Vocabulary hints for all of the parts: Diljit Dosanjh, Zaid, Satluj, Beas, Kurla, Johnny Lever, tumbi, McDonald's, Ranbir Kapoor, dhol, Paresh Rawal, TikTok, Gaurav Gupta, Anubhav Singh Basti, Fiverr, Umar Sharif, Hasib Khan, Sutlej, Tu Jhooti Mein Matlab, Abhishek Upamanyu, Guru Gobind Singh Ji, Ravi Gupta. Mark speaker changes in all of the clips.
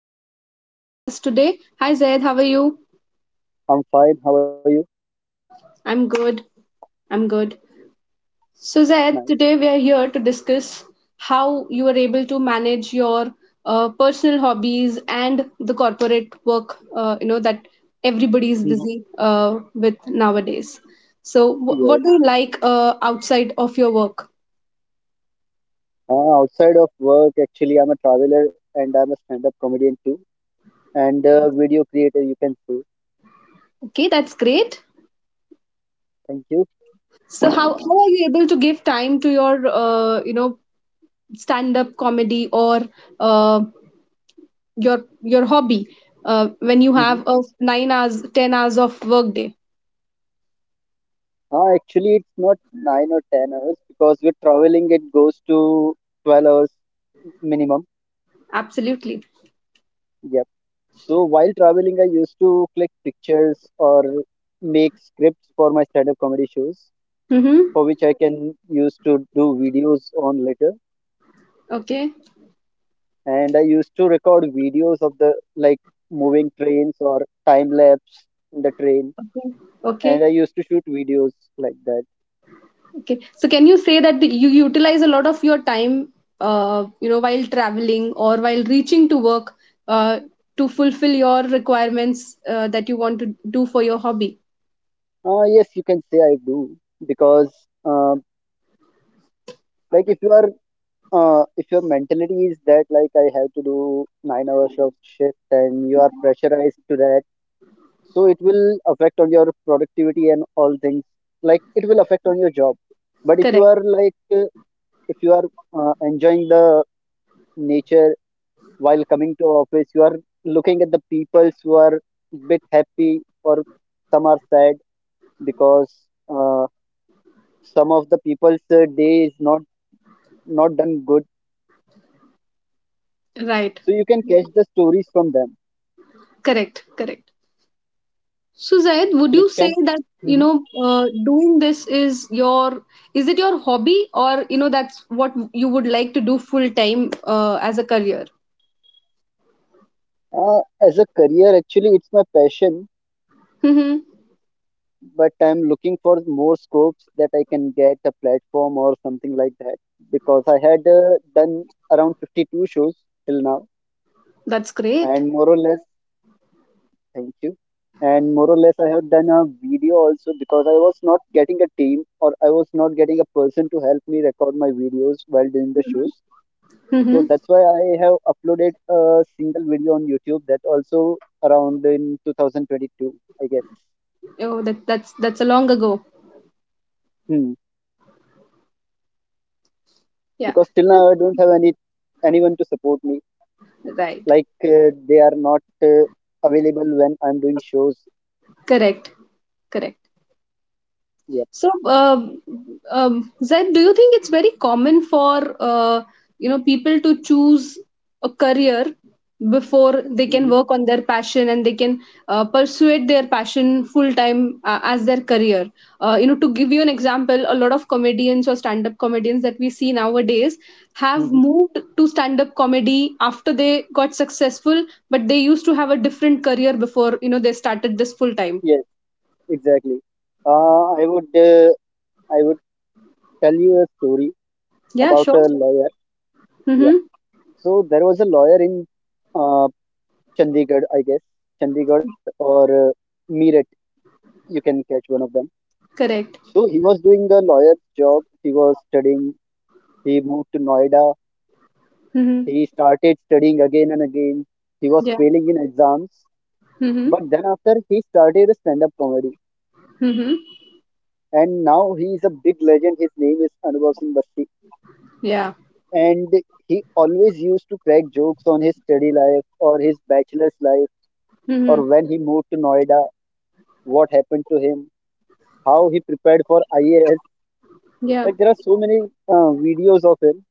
Speaker 1: also have Zaid with us today. Hi Zaid, how are you?
Speaker 2: I'm fine. How are you?
Speaker 1: I'm good. I'm good. So Zaid,
Speaker 2: Nice.
Speaker 1: today we are here to discuss how you are able to manage your personal hobbies and the corporate work. You know that everybody is
Speaker 2: hmm
Speaker 1: busy with nowadays. So wh-
Speaker 2: Yes.
Speaker 1: what do you like outside of your work?
Speaker 2: Outside of work, actually, I'm a traveler and I'm a stand-up comedian too, and a video creator, you can say.
Speaker 1: Okay, that's great.
Speaker 2: Thank you.
Speaker 1: So how are you able to give time to your stand up comedy or uh, your hobby when you have
Speaker 2: hmm
Speaker 1: a 9 hours 10 hours of work day?
Speaker 2: Actually, it's not 9 or 10 hours because we're traveling, it goes to 12 hours minimum.
Speaker 1: Absolutely.
Speaker 2: Yep. So while traveling, I used to click pictures or make scripts for my stand-up comedy shows, for
Speaker 1: Mm-hmm.
Speaker 2: which I can use to do videos on later.
Speaker 1: Okay.
Speaker 2: And I used to record videos of the moving trains or time lapse in the train,
Speaker 1: Okay. Okay.
Speaker 2: and I used to shoot videos like that.
Speaker 1: Okay. So can you say that you utilize a lot of your time while traveling or while reaching to work uh, to fulfill your requirements that you want to do for your hobby?
Speaker 2: Yes, you can say I do, because um like if you are if your mentality is that like I have to do 9 hours of shift and you are pressurized to that, so it will affect on your productivity and all things, like it will affect on your job. But if you
Speaker 1: Correct.
Speaker 2: are like if you are enjoying the nature while coming to office, you are looking at the peoples who are bit happy or some are sad, because uh, some of the people's day is not not done good,
Speaker 1: Right.
Speaker 2: so you can catch the stories from them,
Speaker 1: Correct, correct. So Zaid, would
Speaker 2: so it
Speaker 1: you
Speaker 2: can.
Speaker 1: say that
Speaker 2: Mhm.
Speaker 1: doing this is your, is it your hobby, or that's what you would like to do full time as a career?
Speaker 2: uh, as a career, actually, it's my passion,
Speaker 1: Hmm.
Speaker 2: but I'm looking for more scopes that I can get a platform or something like that, because I had done around 52 shows till now.
Speaker 1: That's great.
Speaker 2: And more or less, thank you. And more or less, I have done a video also because I was not getting a team or I was not getting a person to help me record my videos while doing the shows. So
Speaker 1: Hmm.
Speaker 2: that's why I have uploaded a single video on YouTube that also around in 2022, I guess.
Speaker 1: Oh, that's a long ago.
Speaker 2: Hmm.
Speaker 1: Yeah.
Speaker 2: Because till now I don't have any anyone to support me.
Speaker 1: Right.
Speaker 2: Like they are not available when I'm doing shows.
Speaker 1: Correct. Correct.
Speaker 2: Yeah.
Speaker 1: So, Zaid, do you think it's very common for people to choose a career before they
Speaker 2: Mm-hmm.
Speaker 1: can work on their passion and they can pursue their passion full time as their career? To give you an example, a lot of comedians or stand up comedians that we see nowadays have
Speaker 2: Mm-hmm.
Speaker 1: moved to stand up comedy after they got successful, but they used to have a different career before they started this full time.
Speaker 2: Yes, exactly. Uh, I would uh, I would tell you a story
Speaker 1: Yeah,
Speaker 2: about
Speaker 1: sure.
Speaker 2: a lawyer. Yeah.
Speaker 1: Mm-hmm.
Speaker 2: So there was a lawyer in uh, Chandigarh, I guess. Chandigarh or Meerut, you can catch one of them.
Speaker 1: Correct.
Speaker 2: So he was doing a lawyer's job. He was studying. He moved to Noida.
Speaker 1: Mm-hmm.
Speaker 2: He started studying again and again. He was
Speaker 1: Yeah.
Speaker 2: failing in exams.
Speaker 1: Mm-hmm.
Speaker 2: But then after, he started a stand-up comedy.
Speaker 1: Mm-hmm.
Speaker 2: And now he is a big legend. His name is Anubhav Singh Basti.
Speaker 1: Yeah.
Speaker 2: And he always used to crack jokes on his study life or his bachelor's life, or
Speaker 1: Mm-hmm.
Speaker 2: when he moved to Noida, what happened to him, how he prepared for IAS.
Speaker 1: Yeah.
Speaker 2: Like there are so many videos of him,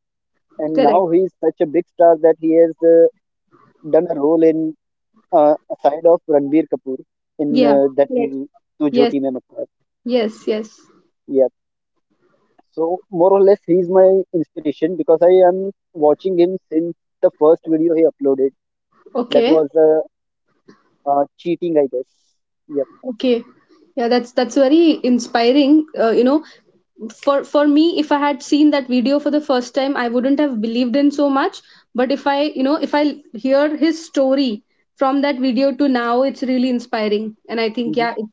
Speaker 2: and
Speaker 1: Correct.
Speaker 2: now he is such a big star that he has done a role in uh, side of Ranbir Kapoor in
Speaker 1: Yeah.
Speaker 2: that
Speaker 1: Correct.
Speaker 2: movie Tu
Speaker 1: Yes.
Speaker 2: Jhooti Mein Matlab.
Speaker 1: Yes. Yes.
Speaker 2: Yeah. So more or less, he is my inspiration because I am watching him since the first video he uploaded. That
Speaker 1: Okay.
Speaker 2: was cheating, I guess. Yep.
Speaker 1: Okay. Yeah. That's very inspiring. For me, if I had seen that video for the first time, I wouldn't have believed in so much. But if I hear his story from that video to now, it's really inspiring. And I think yeah,
Speaker 2: hmm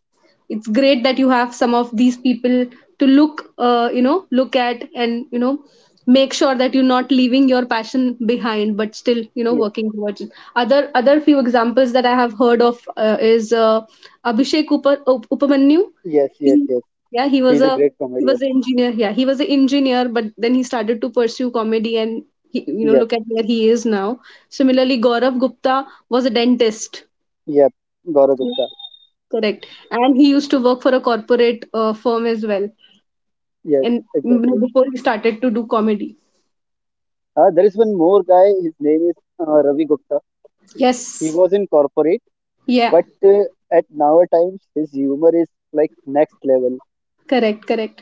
Speaker 1: it's great that you have some of these people to look look at and make sure that you're not leaving your passion behind, but still
Speaker 2: Yes.
Speaker 1: working towards it. Other other few examples that I have heard of is Abhishek Upamanyu.
Speaker 2: Yes. Yes.
Speaker 1: he,
Speaker 2: Yes.
Speaker 1: yeah, he was
Speaker 2: He's a
Speaker 1: a,
Speaker 2: great
Speaker 1: he was
Speaker 2: comedian.
Speaker 1: an engineer. Yeah, he was an engineer, but then he started to pursue comedy, and
Speaker 2: Yes.
Speaker 1: look at where he is now. Similarly, Gaurav Gupta was a dentist.
Speaker 2: Yep, Gaurav
Speaker 1: Yeah,
Speaker 2: Gupta.
Speaker 1: correct. And he used to work for a corporate firm as well.
Speaker 2: Yes,
Speaker 1: And
Speaker 2: exactly.
Speaker 1: before he started to do comedy.
Speaker 2: There is one more guy. His name is Ravi Gupta. He
Speaker 1: Yes.
Speaker 2: was in corporate,
Speaker 1: Yeah.
Speaker 2: but at now times his humor is like next level.
Speaker 1: Correct. Correct.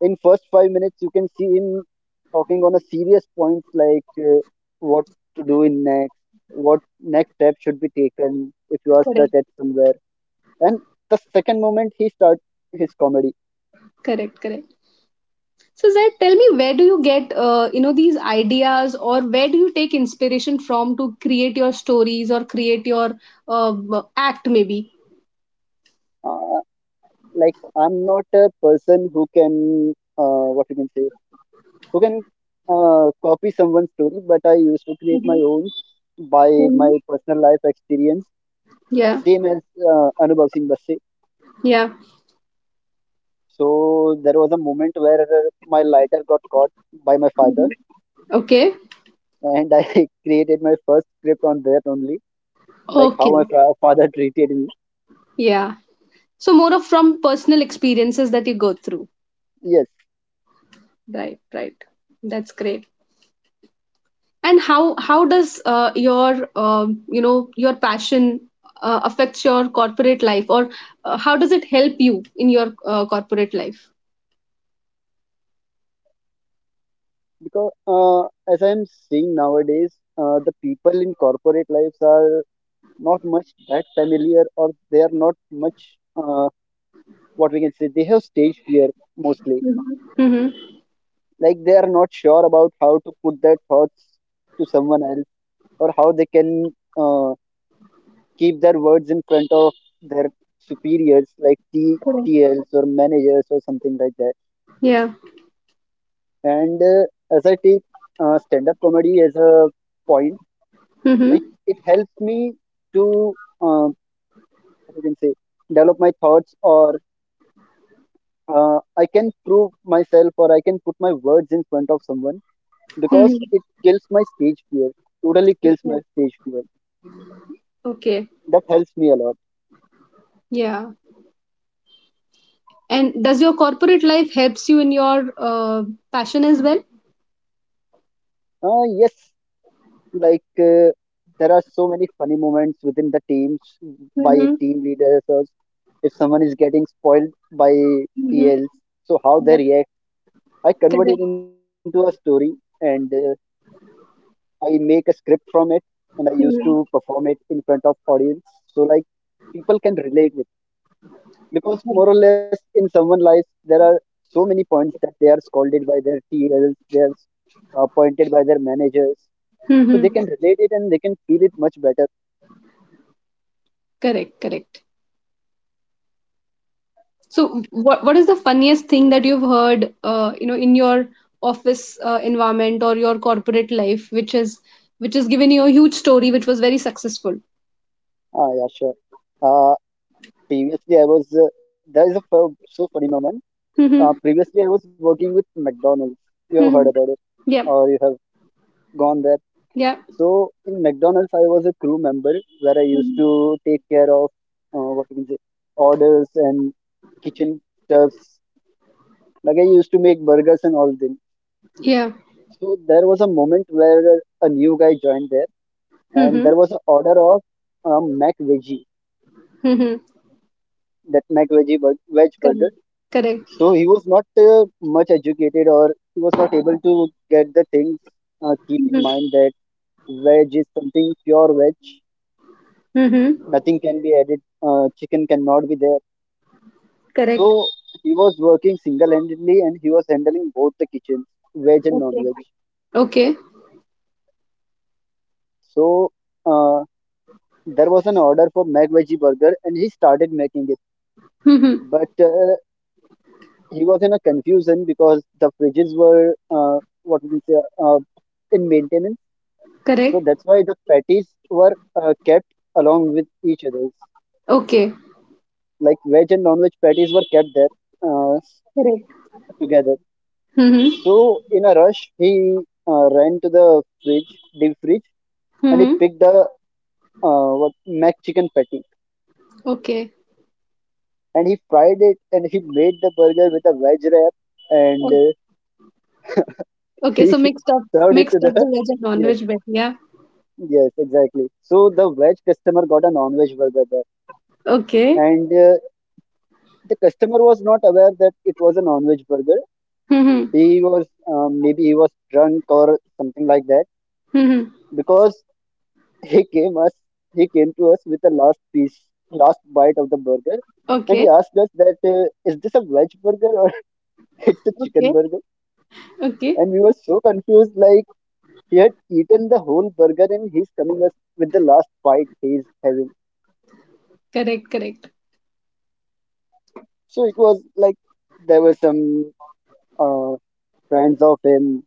Speaker 2: In first 5 minutes, you can see him talking on a serious points like what to do in next, what next step should be taken if you are
Speaker 1: Correct.
Speaker 2: stuck at somewhere. And the second moment he starts his comedy.
Speaker 1: Correct. Correct. So Zaid, tell me, where do you get these ideas, or where do you take inspiration from to create your stories or create your uh act, maybe?
Speaker 2: Uh, like I'm not a person who can what you can say who can copy someone's story, but I used to create my
Speaker 1: Mm-hmm.
Speaker 2: own by my
Speaker 1: Mhm.
Speaker 2: personal life experience,
Speaker 1: Yeah.
Speaker 2: same as Anubhav Singh Basse.
Speaker 1: Yeah.
Speaker 2: So there was a moment where my lighter got caught by my father,
Speaker 1: Okay,
Speaker 2: and I created my first script on that only, like how
Speaker 1: okay.
Speaker 2: father treated me.
Speaker 1: Yeah. So more of from personal experiences that you go through.
Speaker 2: Yes,
Speaker 1: Right, right. That's great. And how does your your passion affects your corporate life, or how does it help you in your corporate life?
Speaker 2: because as I'm seeing nowadays, the people in corporate lives are not much that familiar, or they are not much. What we can say, they have stage fear mostly,
Speaker 1: Mm-hmm. Mm-hmm.
Speaker 2: like they are not sure about how to put their thoughts to someone else or how they can uh, keep their words in front of their superiors like
Speaker 1: Correct.
Speaker 2: TLs or managers or something like that.
Speaker 1: Yeah.
Speaker 2: And as I take stand up comedy as a point, like
Speaker 1: Mm-hmm.
Speaker 2: it helps me to uh, what you can say develop my thoughts, or I can prove myself or I can put my words in front of someone, because
Speaker 1: Mm-hmm.
Speaker 2: it kills my stage fear, totally kills my stage fear.
Speaker 1: Okay.
Speaker 2: That helps me a lot.
Speaker 1: Yeah. And does your corporate life helps you in your passion as well?
Speaker 2: Yes, like there are so many funny moments within the teams by
Speaker 1: Mm-hmm.
Speaker 2: team leaders, or if someone is getting spoiled by
Speaker 1: Mm-hmm.
Speaker 2: tls, so how they react, I convert it
Speaker 1: Correct.
Speaker 2: into a story, and I make a script from it, and I used to perform it in front of audience, so like people can relate, because more or less in someone's life there are so many points that they are scolded by their TLs, they are pointed by their managers, so
Speaker 1: Mm-hmm.
Speaker 2: they can relate it and they can feel it much better.
Speaker 1: Correct, correct. So what is the funniest thing that you've heard in your office environment or your corporate life which is, which has given you a huge story which was very successful?
Speaker 2: Ah, yeah, sure. Uh, previously, I was there is a fu- So funny moment.
Speaker 1: Mm-hmm.
Speaker 2: Previously, I was working with McDonald's. You have heard
Speaker 1: Mm-hmm.
Speaker 2: about it,
Speaker 1: Yeah.
Speaker 2: or you have gone there.
Speaker 1: Yeah.
Speaker 2: So in McDonald's, I was a crew member where I used
Speaker 1: Mhm.
Speaker 2: to take care of what you can say orders and kitchen stuff. Like I used to make burgers and all things.
Speaker 1: Yeah.
Speaker 2: So there was a moment where a new guy joined there, and
Speaker 1: Mm-hmm.
Speaker 2: there was an order of Mac Veggie,
Speaker 1: Mm-hmm.
Speaker 2: that veg burger.
Speaker 1: Correct. Correct.
Speaker 2: So he was not much educated, or he was not able to get the things. Keep in
Speaker 1: Mm-hmm.
Speaker 2: mind that veg is something pure veg.
Speaker 1: Mm-hmm.
Speaker 2: Nothing can be added. Chicken cannot be there.
Speaker 1: Correct.
Speaker 2: So he was working single-handedly, and he was handling both the kitchens, veg and
Speaker 1: Okay.
Speaker 2: non-veg.
Speaker 1: Okay.
Speaker 2: So. Uh, there was an order for mac veggie burger and he started making it,
Speaker 1: Mm-hmm.
Speaker 2: but he was in a confusion because the fridges were what we can say in maintenance,
Speaker 1: Correct.
Speaker 2: so that's why the patties were kept along with each other,
Speaker 1: Okay.
Speaker 2: like veg and non-veg patties were kept there uh,
Speaker 1: Correct.
Speaker 2: together.
Speaker 1: Mm-hmm.
Speaker 2: So in a rush he ran to the fridge deep fridge and he
Speaker 1: Mm-hmm.
Speaker 2: picked the what mac chicken patty,
Speaker 1: Okay.
Speaker 2: and he fried it and he made the burger with a veg wrap, and
Speaker 1: Okay,
Speaker 2: he
Speaker 1: so
Speaker 2: served it to
Speaker 1: mixed up
Speaker 2: the
Speaker 1: the veg and
Speaker 2: yes
Speaker 1: non-veg better. Yeah.
Speaker 2: yes exactly, so the veg customer got a non-veg burger
Speaker 1: Okay.
Speaker 2: there. And the customer was not aware that it was a non-veg burger.
Speaker 1: Mm-hmm.
Speaker 2: He was maybe he was drunk or something like that,
Speaker 1: Mm-hmm.
Speaker 2: because he came us he came to us with the last bite of the burger, and he
Speaker 1: Okay.
Speaker 2: asked us that is this a veg burger or it's a chicken
Speaker 1: Okay.
Speaker 2: burger.
Speaker 1: Okay.
Speaker 2: And we were so confused, like he had eaten the whole burger and he's coming us with the last bite he's having.
Speaker 1: Correct. Correct.
Speaker 2: So it was like there were some uh, friends of him.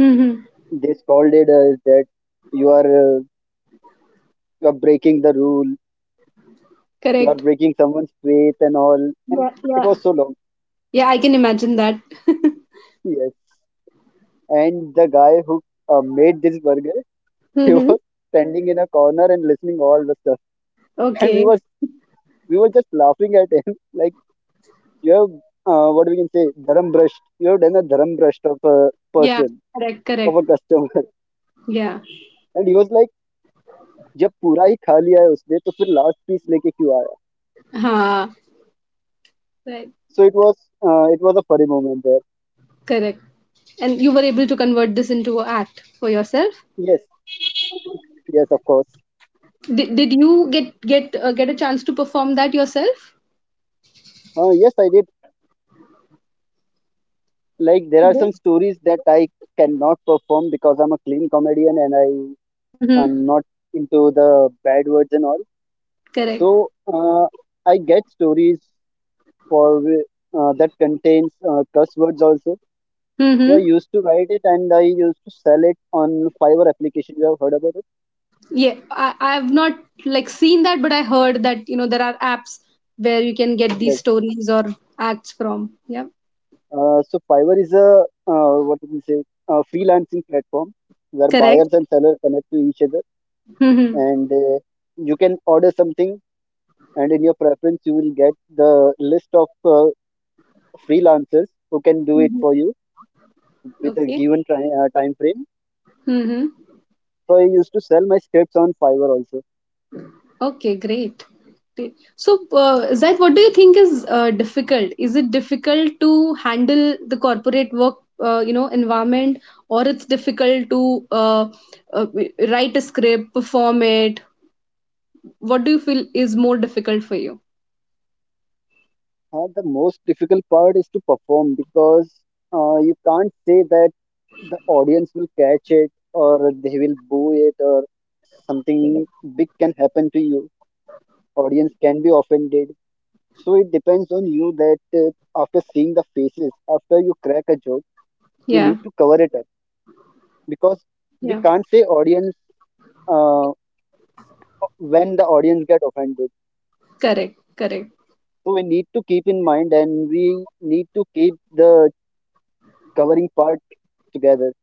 Speaker 1: Mm-hmm.
Speaker 2: They scolded us that you are uh, you are breaking the rule. You are
Speaker 1: Correct.
Speaker 2: breaking someone's faith and all. And
Speaker 1: Yeah.
Speaker 2: it
Speaker 1: Yeah.
Speaker 2: was so long.
Speaker 1: Yeah. I can imagine that.
Speaker 2: Yes. And the guy who made this burger, he
Speaker 1: Mm-hmm.
Speaker 2: was standing in a corner and listening all the stuff. And
Speaker 1: Okay.
Speaker 2: we were just laughing at him like you have what we can say dharam brush. You have done a dharam brush of a
Speaker 1: Yeah.
Speaker 2: person,
Speaker 1: Correct.
Speaker 2: of
Speaker 1: Correct.
Speaker 2: a customer.
Speaker 1: Yeah.
Speaker 2: And he was like जब पूरा ही खा लिया है उस दे तो फिर last piece लेके क्यों आया?
Speaker 1: Ha. Right.
Speaker 2: So it was a funny moment there.
Speaker 1: Correct. And you were able to convert this into a act for yourself.
Speaker 2: Yes. Yes, of course.
Speaker 1: Did you get a chance to perform that yourself?
Speaker 2: Yes, I did. Like there are some
Speaker 1: Yes.
Speaker 2: stories that I cannot perform because I'm a clean comedian and I
Speaker 1: Mm-hmm.
Speaker 2: am not into the bad words and all.
Speaker 1: Correct.
Speaker 2: So I get stories for whi- that contains curse words also. So I
Speaker 1: Mm-hmm.
Speaker 2: used to write it and I used to sell it on Fiver application. You have heard about it?
Speaker 1: Yeah, I've not like seen that, but I heard that there are apps where you can get these
Speaker 2: Yes.
Speaker 1: stories or acts from. Yeah,
Speaker 2: So Fiverr is a what do we say, a freelancing platform where
Speaker 1: correct.
Speaker 2: buyers and sellers connect to each other,
Speaker 1: Mm-hmm.
Speaker 2: and you can order something, and in your preference, you will get the list of freelancers who can do it
Speaker 1: Mm-hmm.
Speaker 2: for you with a
Speaker 1: Okay.
Speaker 2: given time, time frame.
Speaker 1: Mm-hmm.
Speaker 2: So I used to sell my scripts on Fiverr also.
Speaker 1: Okay, great. Great. So Zaid, what do you think is difficult? Is it difficult to handle the corporate work environment, or it's difficult to uh, write a script, perform it? What do you feel is more difficult for you?
Speaker 2: The most difficult part is to perform because you can't say that the audience will catch it or they will boo it, or something big can happen to you, audience can be offended. So it depends on you that after seeing the faces, after you crack a joke, you
Speaker 1: Yeah.
Speaker 2: need to cover it up because we
Speaker 1: Yeah.
Speaker 2: can't say audience uh, when the audience get offended.
Speaker 1: Correct. Correct.
Speaker 2: So we need to keep in mind and we need to keep the covering part together.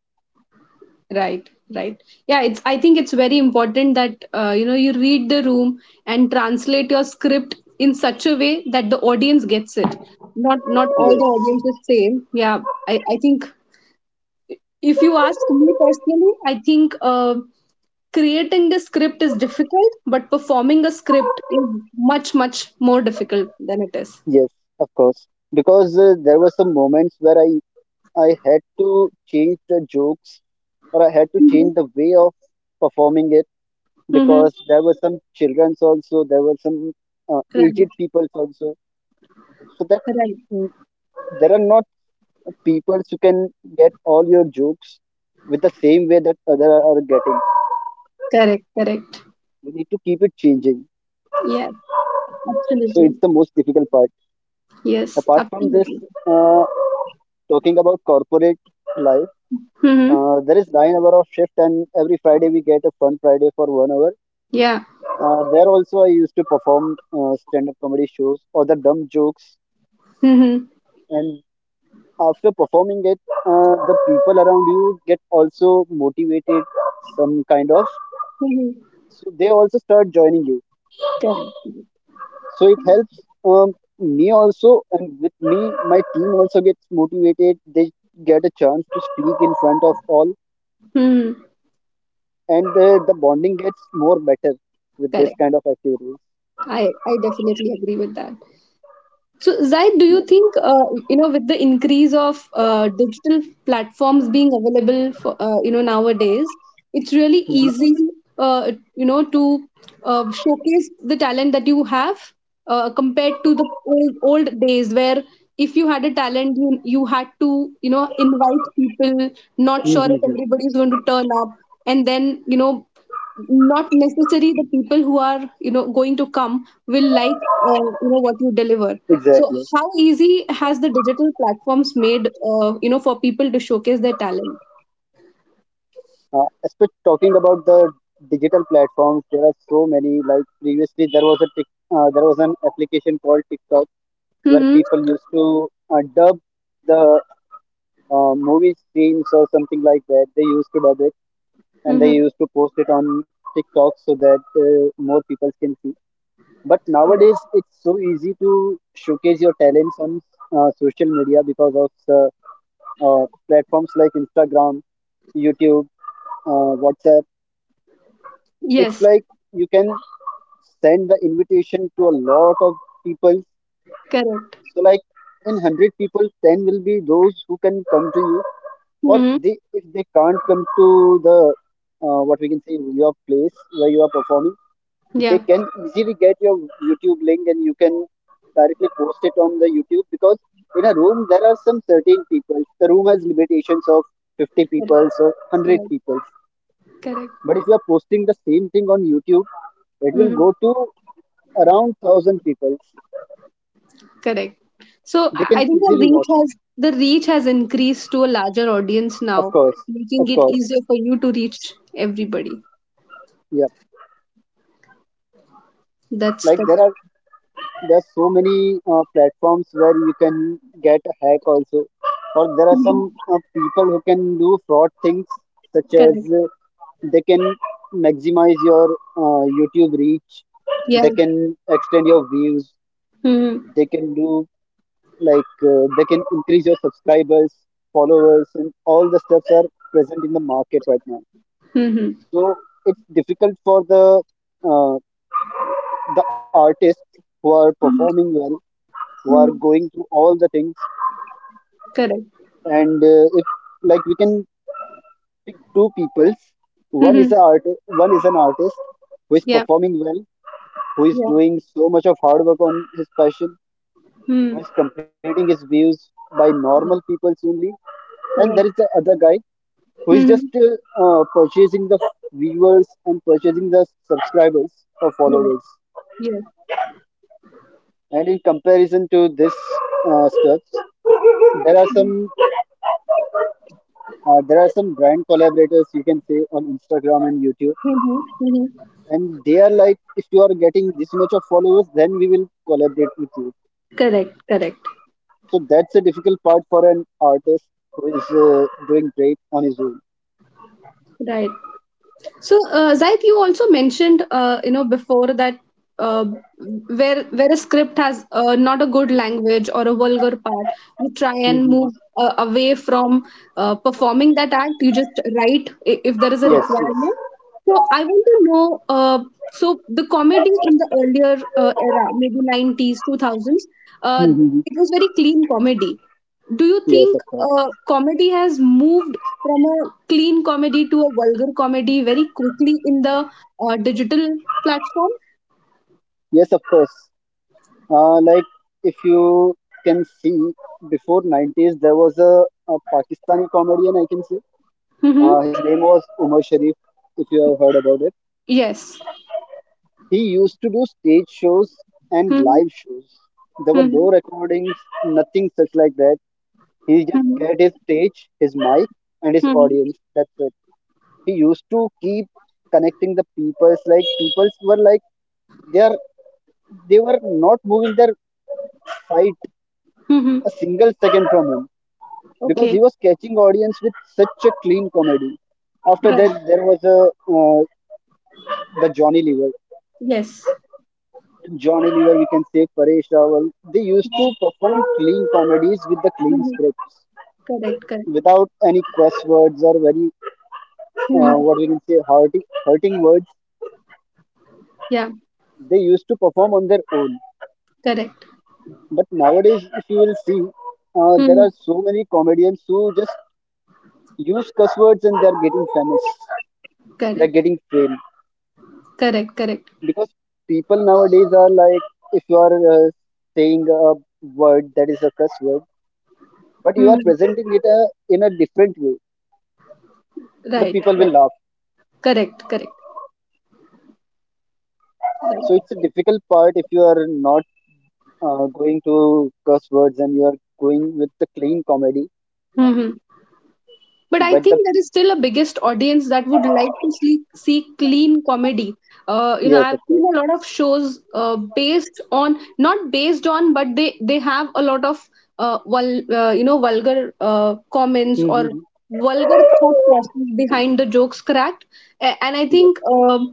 Speaker 1: Right, right. Yeah, it's I think it's very important that you read the room and translate your script in such a way that the audience gets it. Not all
Speaker 2: Yes,
Speaker 1: the audience is same. Yeah, I think if you ask me personally, I think creating the script is difficult, but performing a script is much more difficult than it is.
Speaker 2: yes, of course. Because there were some moments where I had to change the jokes or I had to
Speaker 1: Mhm.
Speaker 2: change the way of performing it,
Speaker 1: Mm-hmm.
Speaker 2: because there were some childrens also. There were some
Speaker 1: Right,
Speaker 2: aged peoples also, so that
Speaker 1: right.
Speaker 2: mm, there are not peoples who can get all your jokes with the same way that other are getting.
Speaker 1: Correct, correct.
Speaker 2: You need to keep it changing,
Speaker 1: Yes,
Speaker 2: so
Speaker 1: absolutely.
Speaker 2: it's the most difficult part.
Speaker 1: Yes,
Speaker 2: Apart from this,
Speaker 1: absolutely.
Speaker 2: uh, talking about corporate life,
Speaker 1: Mm-hmm.
Speaker 2: there is 9 hour of shift and every Friday we get a fun Friday for 1 hour.
Speaker 1: Yeah.
Speaker 2: There also I used to perform stand-up comedy shows or the dumb jokes.
Speaker 1: Mhm.
Speaker 2: And after performing it, the people around you get also motivated, some kind of.
Speaker 1: Mhm.
Speaker 2: So they also start joining you,
Speaker 1: Correct.
Speaker 2: so it helps me also, and with me my team also gets motivated. They get a chance to speak in front of all,
Speaker 1: Mhm.
Speaker 2: and the bonding gets more better with this
Speaker 1: Correct.
Speaker 2: kind of activities.
Speaker 1: I definitely agree with that. So, Zaid, do you
Speaker 2: Yeah.
Speaker 1: think, with the increase of digital platforms being available for, nowadays, it's really easy, to showcase the talent that you have compared to the old, old days where, if you had a talent, you had to, invite people, not sure if everybody is going to turn up, and then, not necessarily the people who are going to come will like what you deliver. So
Speaker 2: Exactly.
Speaker 1: how easy has the digital platforms made for people to showcase their talent?
Speaker 2: Especially talking about the digital platforms, there are so many. Like previously, there was an application called TikTok, where
Speaker 1: Mm-hmm.
Speaker 2: people used to dub the movie scenes or something like that. They used to dub it and they
Speaker 1: Mm-hmm.
Speaker 2: used to post it on TikTok, so that more people can see. But
Speaker 1: Correct.
Speaker 2: nowadays, it's so easy to showcase your talents on social media because of platforms like Instagram, YouTube, WhatsApp. It's
Speaker 1: Yes,
Speaker 2: like you can send the invitation to a lot of people.
Speaker 1: correct.
Speaker 2: So like in 100 people, 10 will be those who can come to you. Or
Speaker 1: Mm-hmm.
Speaker 2: they, if they can't come to the, what we can say, your place where you are performing, they
Speaker 1: Yeah,
Speaker 2: can easily get your YouTube link. And you can directly post it on the YouTube, because in a room there are some certain people. The room has limitations of 50
Speaker 1: correct.
Speaker 2: people or 100
Speaker 1: Correct.
Speaker 2: people.
Speaker 1: Correct.
Speaker 2: But if you are posting the same thing on YouTube, it will
Speaker 1: Mm-hmm.
Speaker 2: go to around 1,000 people.
Speaker 1: Correct. So I
Speaker 2: They
Speaker 1: I
Speaker 2: can
Speaker 1: think the
Speaker 2: easily
Speaker 1: reach
Speaker 2: watch it.
Speaker 1: has, the reach has increased to a larger audience now,
Speaker 2: Of course,
Speaker 1: making
Speaker 2: of
Speaker 1: it
Speaker 2: course.
Speaker 1: easier for you to reach everybody.
Speaker 2: Yeah.
Speaker 1: That's
Speaker 2: Like
Speaker 1: the
Speaker 2: there are so many platforms where you can get a hack also. Or there are some people who can do fraud things, such
Speaker 1: correct.
Speaker 2: as, they can maximize your youtube reach. They
Speaker 1: Yeah.
Speaker 2: can extend your views. They
Speaker 1: Hmm.
Speaker 2: can do, like, they can increase your subscribers, followers, and all the stuffs are present in the market right now.
Speaker 1: Mhm.
Speaker 2: So it's difficult for uh, the artists who are
Speaker 1: Mhm.
Speaker 2: performing well, who are
Speaker 1: Mhm.
Speaker 2: going through all the things.
Speaker 1: Correct.
Speaker 2: And if, like, we can pick two peoples, one is an
Speaker 1: Mhm.
Speaker 2: artist, one is an artist who is
Speaker 1: Yeah.
Speaker 2: performing well, who is
Speaker 1: Yeah.
Speaker 2: doing so much of hard work on his passion,
Speaker 1: Mhm.
Speaker 2: who is completing his views by
Speaker 1: Correct.
Speaker 2: normal people only. And there
Speaker 1: Correct.
Speaker 2: is the other guy who is
Speaker 1: Mhm.
Speaker 2: just purchasing the viewers and purchasing the subscribers or
Speaker 1: Yes.
Speaker 2: followers.
Speaker 1: Yes.
Speaker 2: And in comparison to this stuff, there are some there are some brand collaborators, you can say, on Instagram and YouTube.
Speaker 1: Mhm. Mhm.
Speaker 2: And they are like, if you are getting this much of followers, then we will collaborate with you.
Speaker 1: Correct. Correct.
Speaker 2: So that's a difficult part for an artist who is doing great on his own.
Speaker 1: Right. So, Zaid, you also mentioned, before that uh, where a script has not a good language or a vulgar part, you try and
Speaker 2: Mhm.
Speaker 1: move away from performing that act. You just write, if there is a
Speaker 2: Yes, yes.
Speaker 1: requirement. So, I want to know. So, the comedy in the earlier era, maybe 90s, 2000s, uh,
Speaker 2: Mhm.
Speaker 1: it was very clean comedy. Do you
Speaker 2: Yes,
Speaker 1: think
Speaker 2: of course.
Speaker 1: comedy has moved from a clean comedy to a vulgar comedy very quickly in the digital platform?
Speaker 2: Yes, of course. Like if you can see, before nineties there was a Pakistani comedian, I can say.
Speaker 1: Mm-hmm.
Speaker 2: His name was Umar Sharif, if you have heard about it.
Speaker 1: Yes.
Speaker 2: He used to do stage shows and
Speaker 1: Mm-hmm.
Speaker 2: live shows. There were
Speaker 1: Mm-hmm.
Speaker 2: no recordings, nothing such like that. He just
Speaker 1: Mm-hmm.
Speaker 2: get his stage, his mic, and his
Speaker 1: Mm-hmm.
Speaker 2: audience. That's it. He used to keep connecting the peoples. Like peoples were like, they are they were not moving their sight a
Speaker 1: Mm-hmm.
Speaker 2: single second from him, because he
Speaker 1: Okay.
Speaker 2: was catching audience with such a clean comedy. After
Speaker 1: Right.
Speaker 2: that, there was a uh, the Johnny Lever.
Speaker 1: Yes.
Speaker 2: Johnny Lever, we can say Paresh Rawal, they used
Speaker 1: Yeah.
Speaker 2: to perform clean comedies with the clean
Speaker 1: Mm-hmm.
Speaker 2: scripts,
Speaker 1: Correct. Correct.
Speaker 2: without any crosswords or
Speaker 1: Mm-hmm.
Speaker 2: what we can say, hurting, hurting words.
Speaker 1: Yeah.
Speaker 2: They used to perform on their own.
Speaker 1: Correct.
Speaker 2: But nowadays, if you will see, there
Speaker 1: Mm-hmm.
Speaker 2: are so many comedians who just use cuss words and they're getting famous. They're
Speaker 1: Correct.
Speaker 2: getting fame.
Speaker 1: Correct. Correct.
Speaker 2: Because people nowadays are like, if you are saying a word that is a cuss word, but you are
Speaker 1: Mm-hmm.
Speaker 2: presenting it in a different way, the
Speaker 1: Right.
Speaker 2: people will
Speaker 1: Right.
Speaker 2: laugh.
Speaker 1: Correct. Correct.
Speaker 2: So it's
Speaker 1: Right.
Speaker 2: a difficult part if you are not going to curse words and you are going with the clean comedy.
Speaker 1: Mm-hmm. But I
Speaker 2: But the
Speaker 1: think there is still a biggest audience that would like to see clean comedy.
Speaker 2: Yes,
Speaker 1: I've
Speaker 2: of
Speaker 1: seen
Speaker 2: course.
Speaker 1: a lot of shows based on, not based on, but they have a lot of vulgar comments or
Speaker 2: Mm-hmm.
Speaker 1: vulgar thought process behind the jokes cracked. And I
Speaker 2: Yes.
Speaker 1: think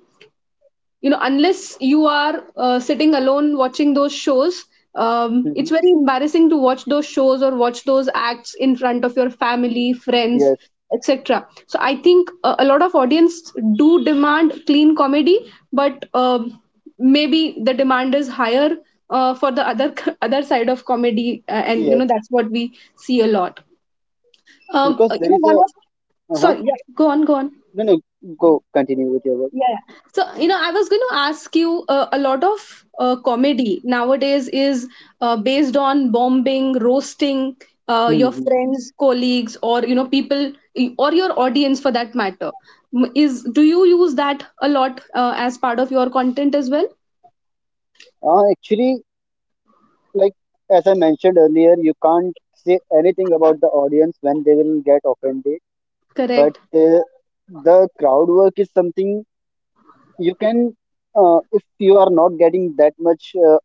Speaker 1: unless you are sitting alone watching those shows,
Speaker 2: Mm-hmm.
Speaker 1: it's very embarrassing to watch those shows or watch those acts in front of your family, friends,
Speaker 2: Yes.
Speaker 1: etc. So I think a lot of audience do demand clean comedy, but maybe the demand is higher for the other other side of comedy, uh, and you
Speaker 2: Yes.
Speaker 1: know that's what we see a lot.
Speaker 2: Because
Speaker 1: You
Speaker 2: there
Speaker 1: know
Speaker 2: is
Speaker 1: one
Speaker 2: a
Speaker 1: of
Speaker 2: Uh-huh.
Speaker 1: Sorry, yeah, go on, go on.
Speaker 2: No, no, go continue with your work.
Speaker 1: Yeah. Yeah. So, I was going to ask you, a lot of comedy nowadays is based on bombing, roasting your
Speaker 2: Mm-hmm.
Speaker 1: friends, colleagues, or, people or your audience for that matter. Is, do you use that a lot as part of your content as well?
Speaker 2: Actually, like, as I mentioned earlier, you can't say anything about the audience when they will get offended. But
Speaker 1: Correct.
Speaker 2: the crowd work is something you can, if you are not getting that much uh,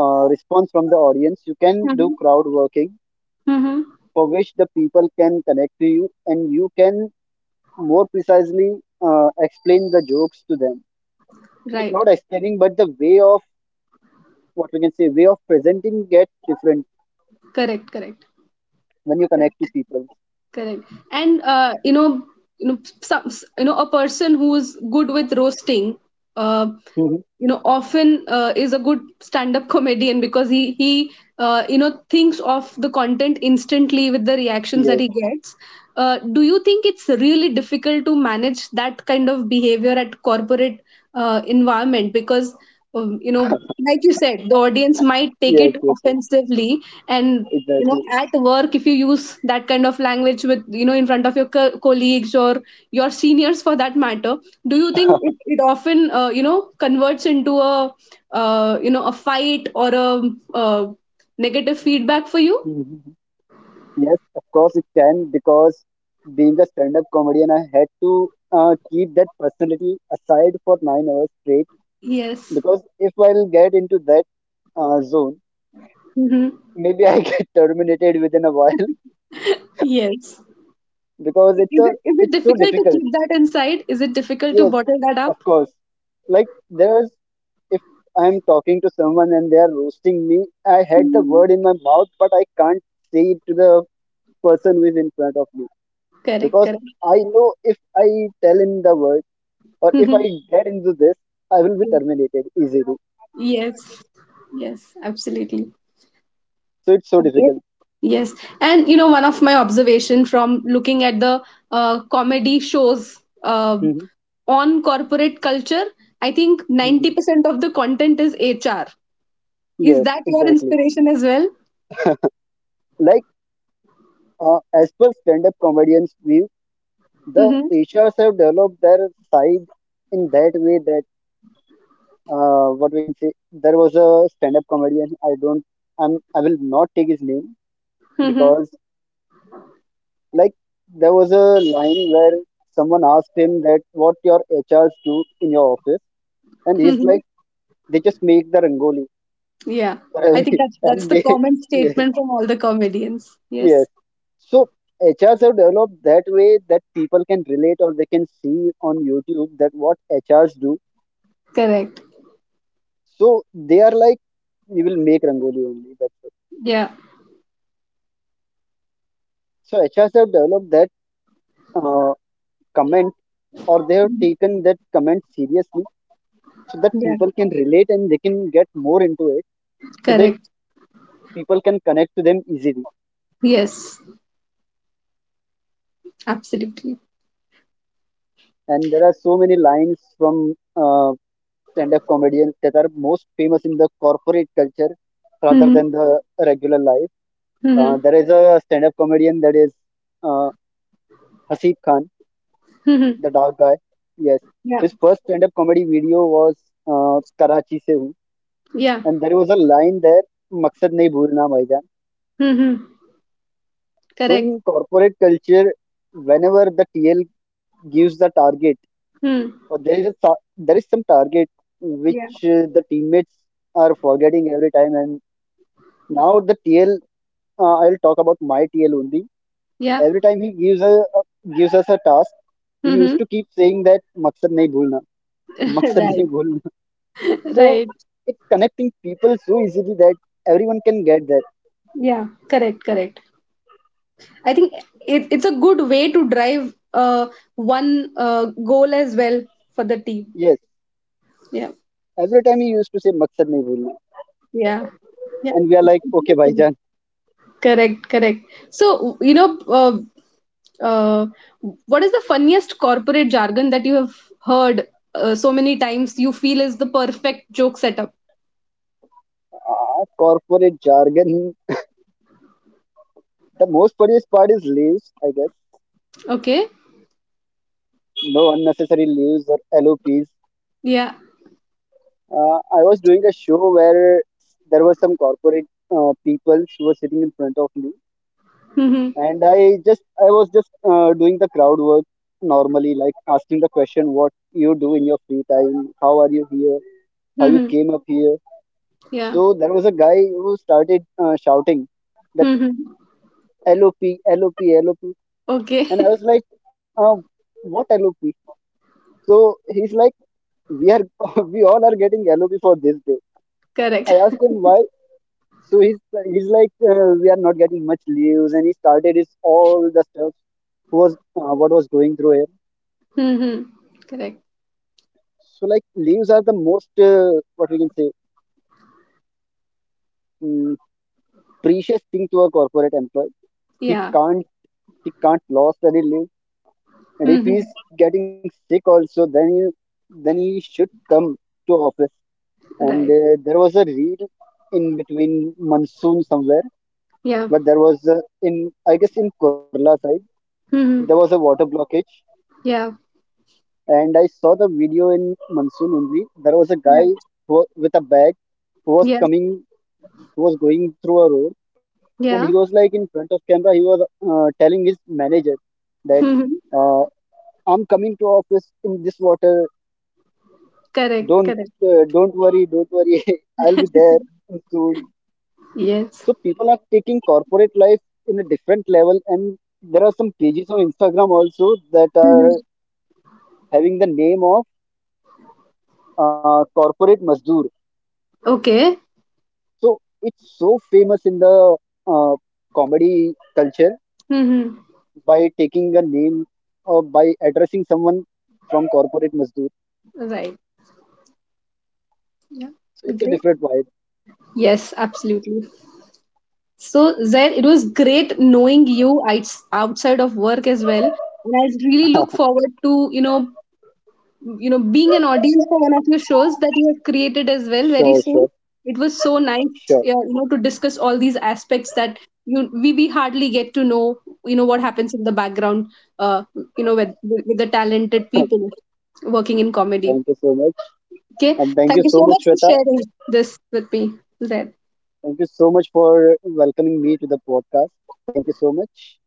Speaker 2: uh, response from the audience, you can do
Speaker 1: Mm-hmm.
Speaker 2: crowd working,
Speaker 1: Mm-hmm.
Speaker 2: for which the people can connect to you. And you can more precisely explain the jokes to them. Like,
Speaker 1: Right.
Speaker 2: not explaining, but the way of, what we can say, way of presenting get different
Speaker 1: Correct. Correct.
Speaker 2: when you connect to
Speaker 1: Correct.
Speaker 2: people.
Speaker 1: Correct. And you know, some, a person who's good with roasting uh,
Speaker 2: Hmm.
Speaker 1: often is a good stand up comedian because he thinks of the content instantly with the reactions that
Speaker 2: Yes,
Speaker 1: he gets. Do you think it's really difficult to manage that kind of behavior at corporate environment because um, you know like you said, the audience might take
Speaker 2: yes.
Speaker 1: it
Speaker 2: Yes, yes.
Speaker 1: offensively, and
Speaker 2: Exactly.
Speaker 1: at work, if you use that kind of language with, in front of your colleagues or your seniors for that matter, do you think it often converts into a a fight or a uh, negative feedback for you?
Speaker 2: Yes, of course it can, because being a stand-up comedian, I had to keep that personality aside for 9 hours straight.
Speaker 1: Yes.
Speaker 2: Because if I'll get into that zone,
Speaker 1: Hmm.
Speaker 2: maybe I get terminated within a while,
Speaker 1: Yes.
Speaker 2: because it's a
Speaker 1: Is it
Speaker 2: it's so
Speaker 1: difficult to
Speaker 2: difficult.
Speaker 1: keep that inside? Is it difficult to
Speaker 2: Yes,
Speaker 1: bottle that up?
Speaker 2: of course. Like there's if I'm talking to someone and they are roasting me, I had the
Speaker 1: Mhm.
Speaker 2: word in my mouth. But I can't say it to the person who is in front of me,
Speaker 1: Correct,
Speaker 2: because
Speaker 1: correct.
Speaker 2: I know, if I tell him the word, or if I get into this, I will be terminated easily.
Speaker 1: Yes, yes, absolutely.
Speaker 2: So it's so
Speaker 1: Yes,
Speaker 2: difficult.
Speaker 1: yes. And one of my observation from looking at the comedy shows
Speaker 2: Mhm,
Speaker 1: on corporate culture, I think ninety
Speaker 2: mhm.
Speaker 1: percent of the content is HR. Is
Speaker 2: Yes,
Speaker 1: that your
Speaker 2: exactly.
Speaker 1: inspiration as well?
Speaker 2: Like as per stand-up comedians' view, the
Speaker 1: Mm-hmm.
Speaker 2: Asians have developed their side in that way that, what we can say. There was a stand-up comedian. I don't. I'm. I will not take his name,
Speaker 1: Mm-hmm.
Speaker 2: because, like, there was a line where someone asked him that, what your HRs do in your office, and he's
Speaker 1: Mm-hmm.
Speaker 2: like, they just make the rangoli.
Speaker 1: Yeah, I think that's that's
Speaker 2: and
Speaker 1: the
Speaker 2: they
Speaker 1: common
Speaker 2: Yes,
Speaker 1: statement from all the comedians.
Speaker 2: yes.
Speaker 1: Yes,
Speaker 2: So HRs have developed that way, that people can relate, or they can see on YouTube that what HRs do.
Speaker 1: correct.
Speaker 2: So they are like, we will make rangoli only, that's it.
Speaker 1: Yeah,
Speaker 2: So HRs have developed that uh, comment, or they have taken that comment seriously, so that
Speaker 1: yeah,
Speaker 2: people can relate and they can get more into it, so that
Speaker 1: correct.
Speaker 2: people can connect to them easily.
Speaker 1: Yes, absolutely.
Speaker 2: And there are so many lines from uh, stand-up comedians that are most famous in the corporate culture rather
Speaker 1: Mm-hmm.
Speaker 2: than the regular life.
Speaker 1: Mm-hmm.
Speaker 2: There is a stand-up comedian that is, uh, Hasib Khan,
Speaker 1: Mm-hmm.
Speaker 2: the dark guy. Yes,
Speaker 1: Yeah,
Speaker 2: his first stand-up comedy video was, Karachi se Hu,
Speaker 1: yeah.
Speaker 2: and there was a line there, "Maksad nahi bhulna, bhaijan."
Speaker 1: Mm-hmm.
Speaker 2: So
Speaker 1: Correct.
Speaker 2: in corporate culture, whenever the TL gives the target, or
Speaker 1: Hmm.
Speaker 2: there is some target
Speaker 1: Yeah.
Speaker 2: which, the teammates are forgetting every time. And now the TL. I'll talk about my TL only.
Speaker 1: Yeah.
Speaker 2: Every time he uh, gives us a task, he
Speaker 1: Mm-hmm.
Speaker 2: used to keep saying that, "Maksad nahi bhulna, maksad
Speaker 1: Right.
Speaker 2: nahi bhulna." So
Speaker 1: Right.
Speaker 2: it's connecting people so easily that everyone can get that.
Speaker 1: Yeah. Correct. Correct. I think it's a good way to drive one goal as well for the team.
Speaker 2: Yes,
Speaker 1: Yeah.
Speaker 2: every time he used to say, "Maksad nahi bhulna,"
Speaker 1: Yeah.
Speaker 2: and we are like, "Okay,
Speaker 1: Yeah.
Speaker 2: bhaijan."
Speaker 1: Correct. Correct. So, uh, what is the funniest corporate jargon that you have heard so many times you feel is the perfect joke setup?
Speaker 2: Ah, corporate jargon. The most funniest part is leaves, I guess.
Speaker 1: Okay.
Speaker 2: No unnecessary leaves or LOPs.
Speaker 1: Yeah.
Speaker 2: I was doing a show where there were some corporate people who were sitting in front of me.
Speaker 1: Mm-hmm.
Speaker 2: And I was just doing the crowd work, normally, like asking the question, what you do in your free time, how are you here, how you
Speaker 1: Mm-hmm.
Speaker 2: came up here.
Speaker 1: Yeah.
Speaker 2: So there was a guy who started shouting that,
Speaker 1: Mm-hmm.
Speaker 2: LOP, LOP, LOP.
Speaker 1: Okay.
Speaker 2: And I was like, uh, what LOP? So he's like, we are we all are getting LOP for this day. I
Speaker 1: Correct.
Speaker 2: asked him why. So he's like, we are not getting much leaves. And he started his, all the stuff was what was going through him.
Speaker 1: Mm-hmm. Correct.
Speaker 2: So, like, leaves are the most what we can say, mm precious thing to a corporate employee. He
Speaker 1: Yeah.
Speaker 2: can't he can't lost any leave. And if he's
Speaker 1: Mhm.
Speaker 2: getting sick also, then he should come to office. And
Speaker 1: Right.
Speaker 2: there was a read in between monsoon somewhere.
Speaker 1: Yeah.
Speaker 2: But in, I guess, in Kurla side, there was a
Speaker 1: Mhm.
Speaker 2: water blockage.
Speaker 1: Yeah.
Speaker 2: And I saw the video in monsoon only. There was a
Speaker 1: Yeah.
Speaker 2: guy who, with a bag, who was
Speaker 1: Yeah.
Speaker 2: coming, who was going through a road. And he
Speaker 1: Yeah.
Speaker 2: was like, in front of camera he was telling his manager that,
Speaker 1: Mhm.
Speaker 2: uh, I'm coming to office in this water,
Speaker 1: Correct. Correct.
Speaker 2: don't worry, don't worry, I'll be there soon.
Speaker 1: Yes.
Speaker 2: So people are taking corporate life in a different level. And there are some pages on Instagram also that are
Speaker 1: Mhm.
Speaker 2: having the name of, corporate mazdoor.
Speaker 1: Okay.
Speaker 2: So it's so famous in the uh, comedy culture,
Speaker 1: Hmm.
Speaker 2: by taking a name, or by addressing someone from corporate Mazdoor.
Speaker 1: Right. Yeah.
Speaker 2: So
Speaker 1: Great.
Speaker 2: it's a different vibe.
Speaker 1: Yes, absolutely. So, Zaid, it was great knowing you outside of work as well. And I really look forward to, you know, being an audience for one of your shows that you have created as well very
Speaker 2: Sure,
Speaker 1: soon.
Speaker 2: sure,
Speaker 1: It was so nice,
Speaker 2: sure.
Speaker 1: yeah, to discuss all these aspects that you we hardly get to know what happens in the background uh, with the talented people working in comedy.
Speaker 2: Thank you so much.
Speaker 1: Okay.
Speaker 2: And thank
Speaker 1: Thank
Speaker 2: you
Speaker 1: you
Speaker 2: so
Speaker 1: so much
Speaker 2: much,
Speaker 1: for
Speaker 2: Shweta.
Speaker 1: sharing this with me, Zaid.
Speaker 2: Thank you so much for welcoming me to the podcast. Thank you so much.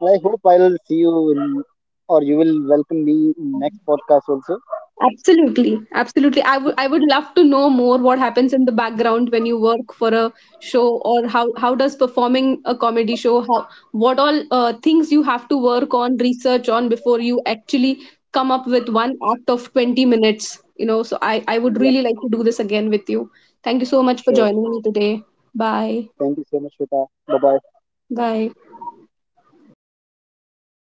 Speaker 2: And I hope I'll see you in, or you will welcome me in next podcast also.
Speaker 1: Absolutely, absolutely. I would love to know more what happens in the background when you work for a show, or how does performing a comedy show, how, what all things you have to work on, research on before you actually come up with one act of 20 minutes, so I would
Speaker 2: Yep,
Speaker 1: really like to do this again with you. Thank you so much for
Speaker 2: sure, sure.
Speaker 1: joining me today. Bye.
Speaker 2: Thank you so much, Shweta. Bye bye.
Speaker 1: Bye.